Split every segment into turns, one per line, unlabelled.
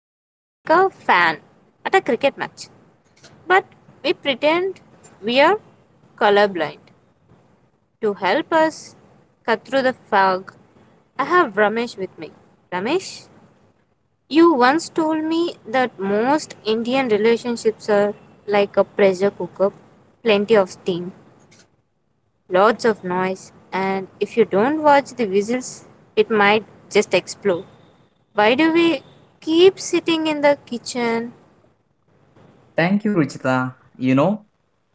waving like a fan at a cricket match. But we pretend we are colorblind. To help us cut through the fog, I have Ramesh with me. Ramesh, you once told me that most Indian relationships are like a pressure cooker, plenty of steam, lots of noise, and if you don't watch the whistles, it might just explode. Why do we keep sitting in the kitchen?
Thank you, Ruchita.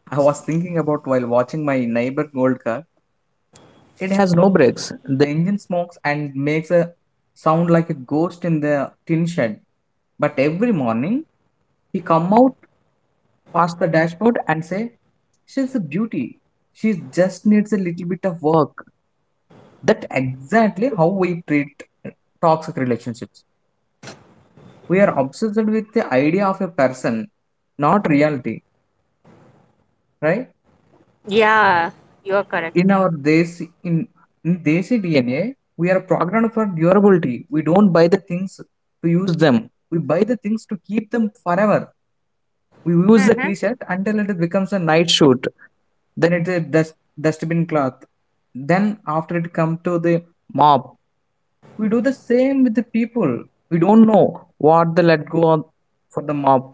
I was thinking about while watching my neighbor gold car. It has no brakes. The engine smokes and makes a sound like a ghost in the tin shed. But every morning, he come out past the dashboard and say, "She's a beauty. She just needs a little bit of work." That exactly how we treat toxic relationships. We are obsessed with the idea of a person, not reality, right?
Yeah, you are correct.
in our desi in, in desi dna we are programmed for durability. We don't buy the things to use them, we buy the things to keep them forever. We use the
Mhm.
t-shirt until it becomes a night shoot, then it's a dustbin cloth, then after it come to the mob. We do the same with the people. We don't know what the let go of for the mob.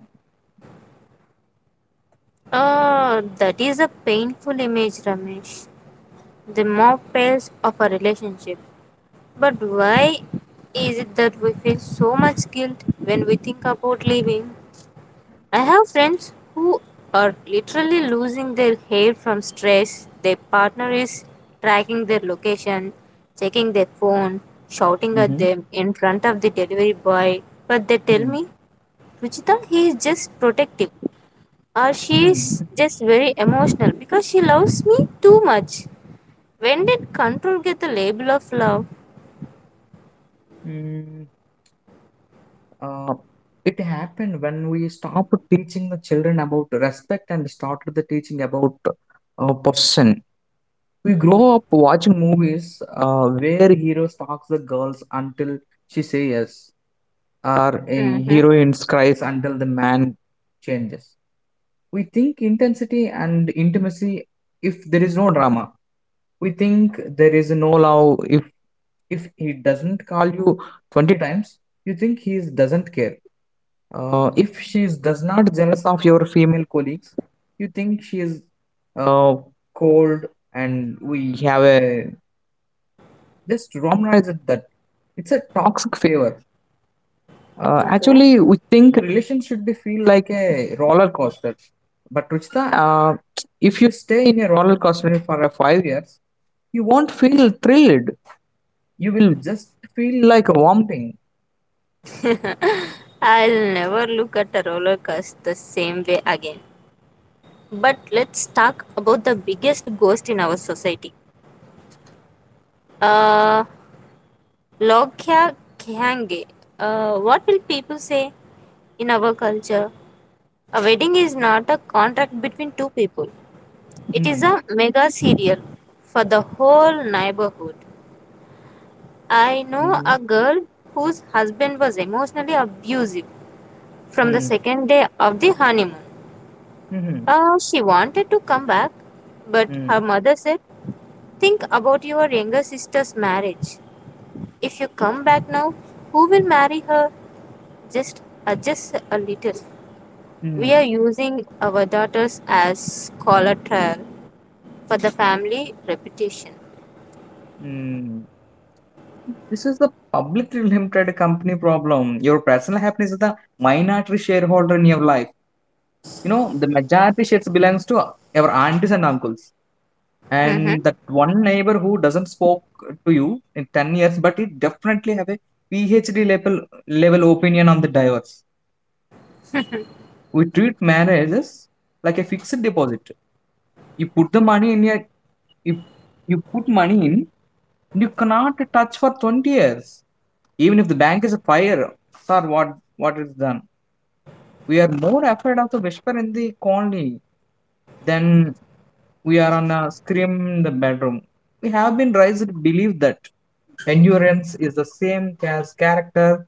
Oh, that is a painful image, Ramesh. The mob fails of a relationship. But why is it that we feel so much guilt when we think about leaving? I have friends who are literally losing their hair from stress. Their partner is tracking their location, checking their phone, shouting at
Mm-hmm.
them in front of the delivery boy. But they tell
Mm.
me, Ruchita, he is just protective, or she's just very emotional because she loves me too much. When did control get the label of love?
Mm. Uh, it happened when we stopped teaching the children about respect and started the teaching about possession. We grow up watching movies where hero stalks the girls until she says yes, or a
Mm-hmm.
heroine cries until the man changes. We think intensity and intimacy if there is no drama. We think there is no love if he doesn't call you 20 times. You think he doesn't care. If she does not jealous of your female colleagues, you think she is uh, cold, and we have a just romanize it that it's a toxic favor. Uh,
Okay.
actually, we think relations should be feel like a roller coaster. But Ruchita, if you stay in a roller coaster for a 5 years, you won't feel thrilled. You will just feel like vomiting.
I'll never look at a roller coaster the same way again. But let's talk about the biggest ghost in our society. Uh, Lokya Khange. What will people say in our culture? A wedding is not a contract between two people. It is
Mm.
a mega serial for the whole neighborhood. I know
Mm-hmm.
a girl whose husband was emotionally abusive from the
Mm.
second day of the honeymoon.
Mm-hmm.
She wanted to come back, but her
Mm.
mother said, think about your younger sister's marriage. If you come back now, who will marry her? Just adjust a little. We
Mm.
are using our daughters as collateral for the family reputation.
Mm. This is the publicly limited company problem. Your personal happiness is the minority shareholder in your life. You know, the majority shares belongs to our aunties and uncles. And
Hmm.
that one neighbor who doesn't spoke to you in 10 years, but it definitely have a PhD level, level opinion on the divorce. We treat marriages like a fixed deposit. You put the money in your, you, you put money in, you cannot touch for 20 years. Even if the bank is a fire, sir, what is done? We are more afraid of the whisper in the colony than we are on a scream in the bedroom. We have been raised to believe that endurance is the same as character.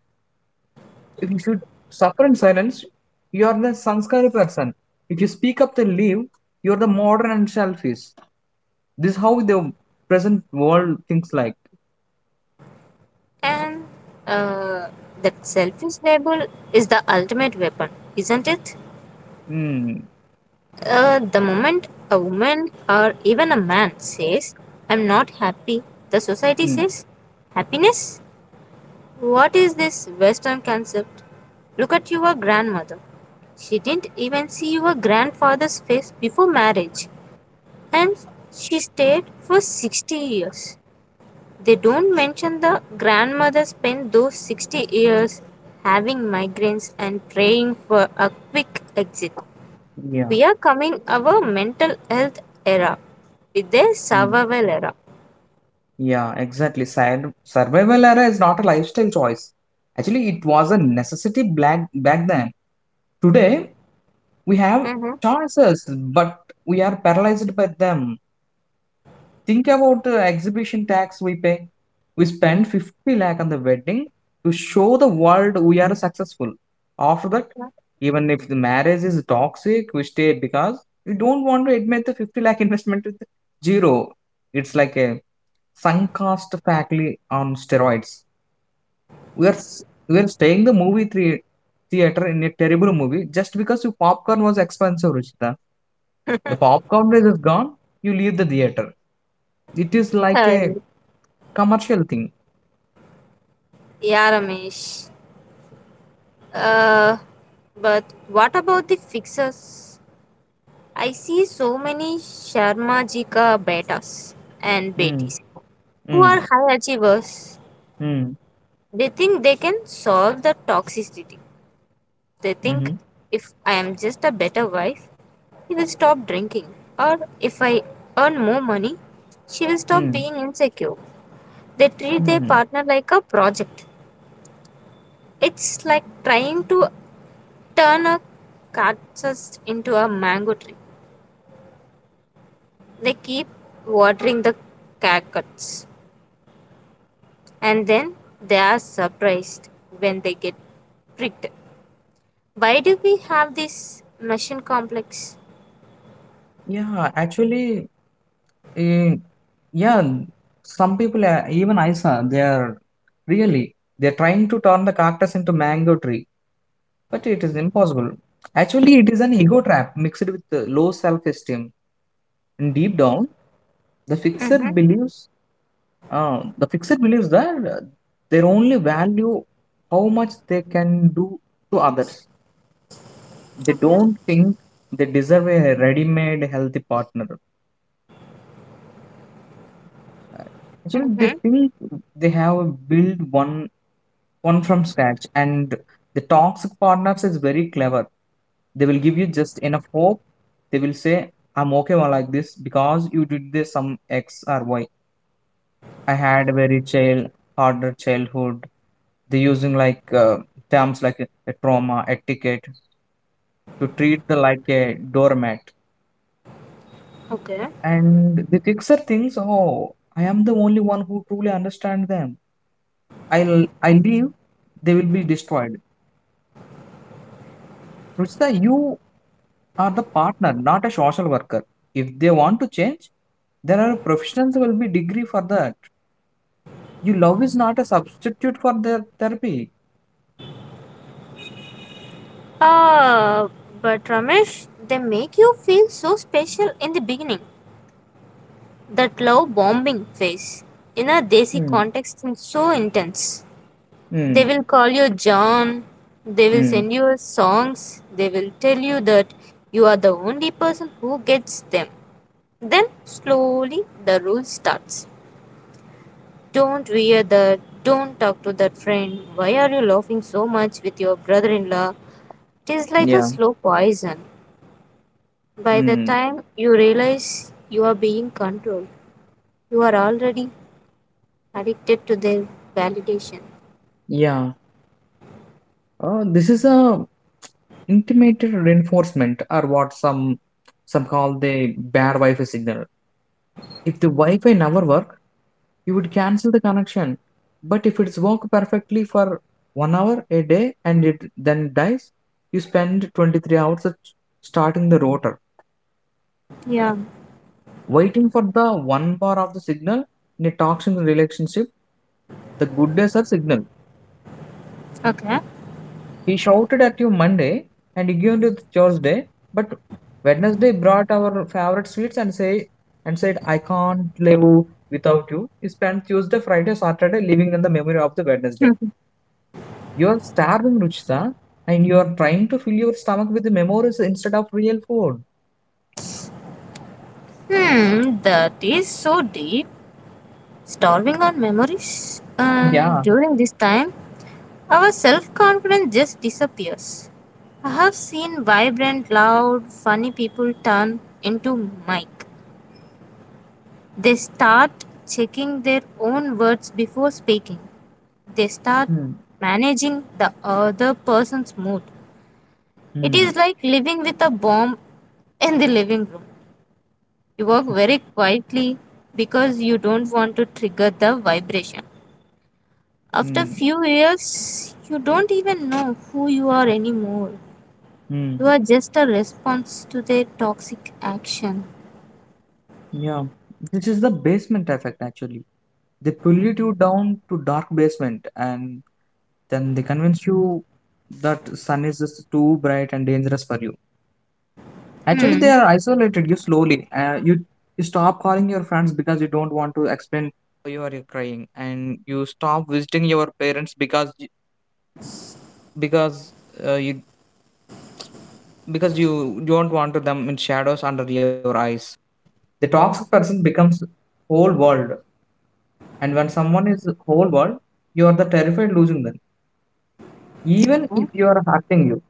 If you should suffer in silence, you are the sanskari person. If you speak up and leave, you are the modern and selfish. This is how the present world thinks like.
And uh, that selfish label is the ultimate weapon, isn't it?
Mm.
The moment a woman or even a man says, I'm not happy, the society
Mm.
says, happiness? What is this Western concept? Look at your grandmother. She didn't even see your grandfather's face before marriage, and she stayed for 60 years. They don't mention the grandmother spent those 60 years having migraines and praying for a quick exit.
Yeah.
We are coming our mental health era with the
Mm.
survival era.
Yeah, exactly. Survival era is not a lifestyle choice. Actually, it was a necessity black back then. Today, we have
Mm-hmm.
choices, but we are paralyzed by them. Think about the exhibition tax we pay. We spend 50 lakh on the wedding to show the world we are successful. After that, even if the marriage is toxic, we stay because we don't want to admit the 50 lakh investment with zero. It's like a Suncast faculty on steroids. We are s- we are staying the movie three theater in a terrible movie just because your popcorn was expensive, Ruchita. The popcorn is gone. You leave the theater. It is like
Hi.
a commercial thing.
Yeah, Ramesh. Uh, but what about the fixers? I see so many Sharma Jika betas and
Mm.
betis who
Mm.
are high achievers.
Mm.
They think they can solve the toxicity. They think
Mm-hmm.
if I am just a better wife, he will stop drinking. Or if I earn more money, she will stop
Mm.
being insecure. They treat their
Mm-hmm.
partner like a project. It's like trying to turn a cactus into a mango tree. They keep watering the cactus and then they are surprised when they get pricked. Why do we have this machine complex?
Yeah, actually, eh, yeah. Some people, even I saw, they are really they're trying to turn the cactus into mango tree. But it is impossible. Actually, it is an ego trap mixed with low self-esteem. And deep down, the fixer
Mm-hmm.
believes the fixer believes that their only value how much they can do to others. They
Okay.
don't think they deserve a ready-made healthy partner. Uh, Actually, they
Mm-hmm.
think they have built one from scratch, and the toxic partners is very clever. They will give you just enough hope. They will say, I'm okay well, like this because you did this some x or y. I had a very child harder childhood. They using like terms like a trauma etiquette to treat the like a doormat.
Okay.
And the kicks are things, oh, I am the only one who truly understand them. I'll I leave they will be destroyed. Ruchita, you Are the partner, not a social worker. If they want to change, there are professionals will be degree for that. Your love is not a substitute for their therapy.
Uh, but Ramesh, they make you feel so special in the beginning. That love bombing phase in a desi
Mm.
context is so intense. They
Mm.
will call you john, they will
Mm.
send you songs, they will tell you that you are the only person who gets them. Then slowly the rule starts. Don't wear that, don't talk to that friend, why are you laughing so much with your brother-in-law? It is like a
Yeah.
slow poison. By the
Mm.
time you realize you are being controlled, you are already addicted to their validation.
Yeah. Oh, this is a intimate reinforcement, or what some call the bad Wi-Fi signal. If the Wi-Fi never work, you would cancel the connection. But if it's worked perfectly for 1 hour a day and it then dies, you spend 23 hours at starting the rotor,
Yeah.
waiting for the one bar of the signal in a toxic relationship. The good days are signal.
Okay.
He shouted at you Monday and he gave you Thursday, but Wednesday brought our favorite sweets and said, I can't live without you. He spent Tuesday, Friday, Saturday living in the memory of the Wednesday. You're starving, Ruchita, and you're trying to fill your stomach with memories instead of real food.
Hmm, that is so deep. Starving on memories, and
Yeah.
during this time, our self confidence just disappears. I have seen vibrant, loud, funny people turn into mic. They start checking their own words before speaking. They start
Mm.
managing the other person's mood. It is
Mm.
like living with a bomb in the living room. You walk very quietly because you don't want to trigger the vibration. After
Mm.
few years, you don't even know who you are anymore. You
Mm.
are just a response to their toxic action.
Yeah. This is the basement effect, actually. They pull you to down to dark basement, and then they convince you that sun is just too bright and dangerous for you. Actually, they
Hmm.
are isolated you slowly. You stop calling your friends because you don't
World. And when someone is whole world, you are the terrified losing them. Even if you are hurting you,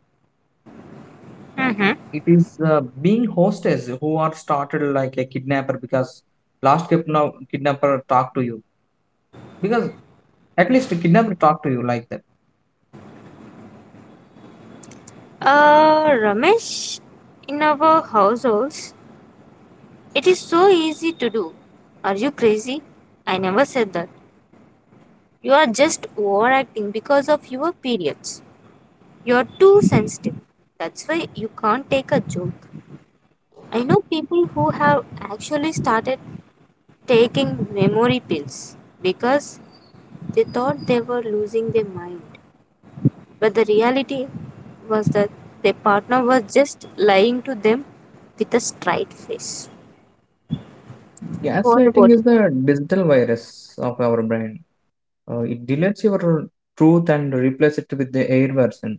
it is being hostess who are started like a kidnapper because last kidnapper talk to you because at least kidnapper talk to you like that.
Ramesh, in our households, it is so easy to do. Are you crazy? I never said that. You are just overacting because of your periods. You are too sensitive. That's why you can't take a joke. I know people who have actually started taking memory pills because they thought they were losing their mind. But the reality was that their partner was just lying to them with a straight face. What
Gaslighting
about
is the digital virus of our brain. It deletes your truth and replaces it with the air version.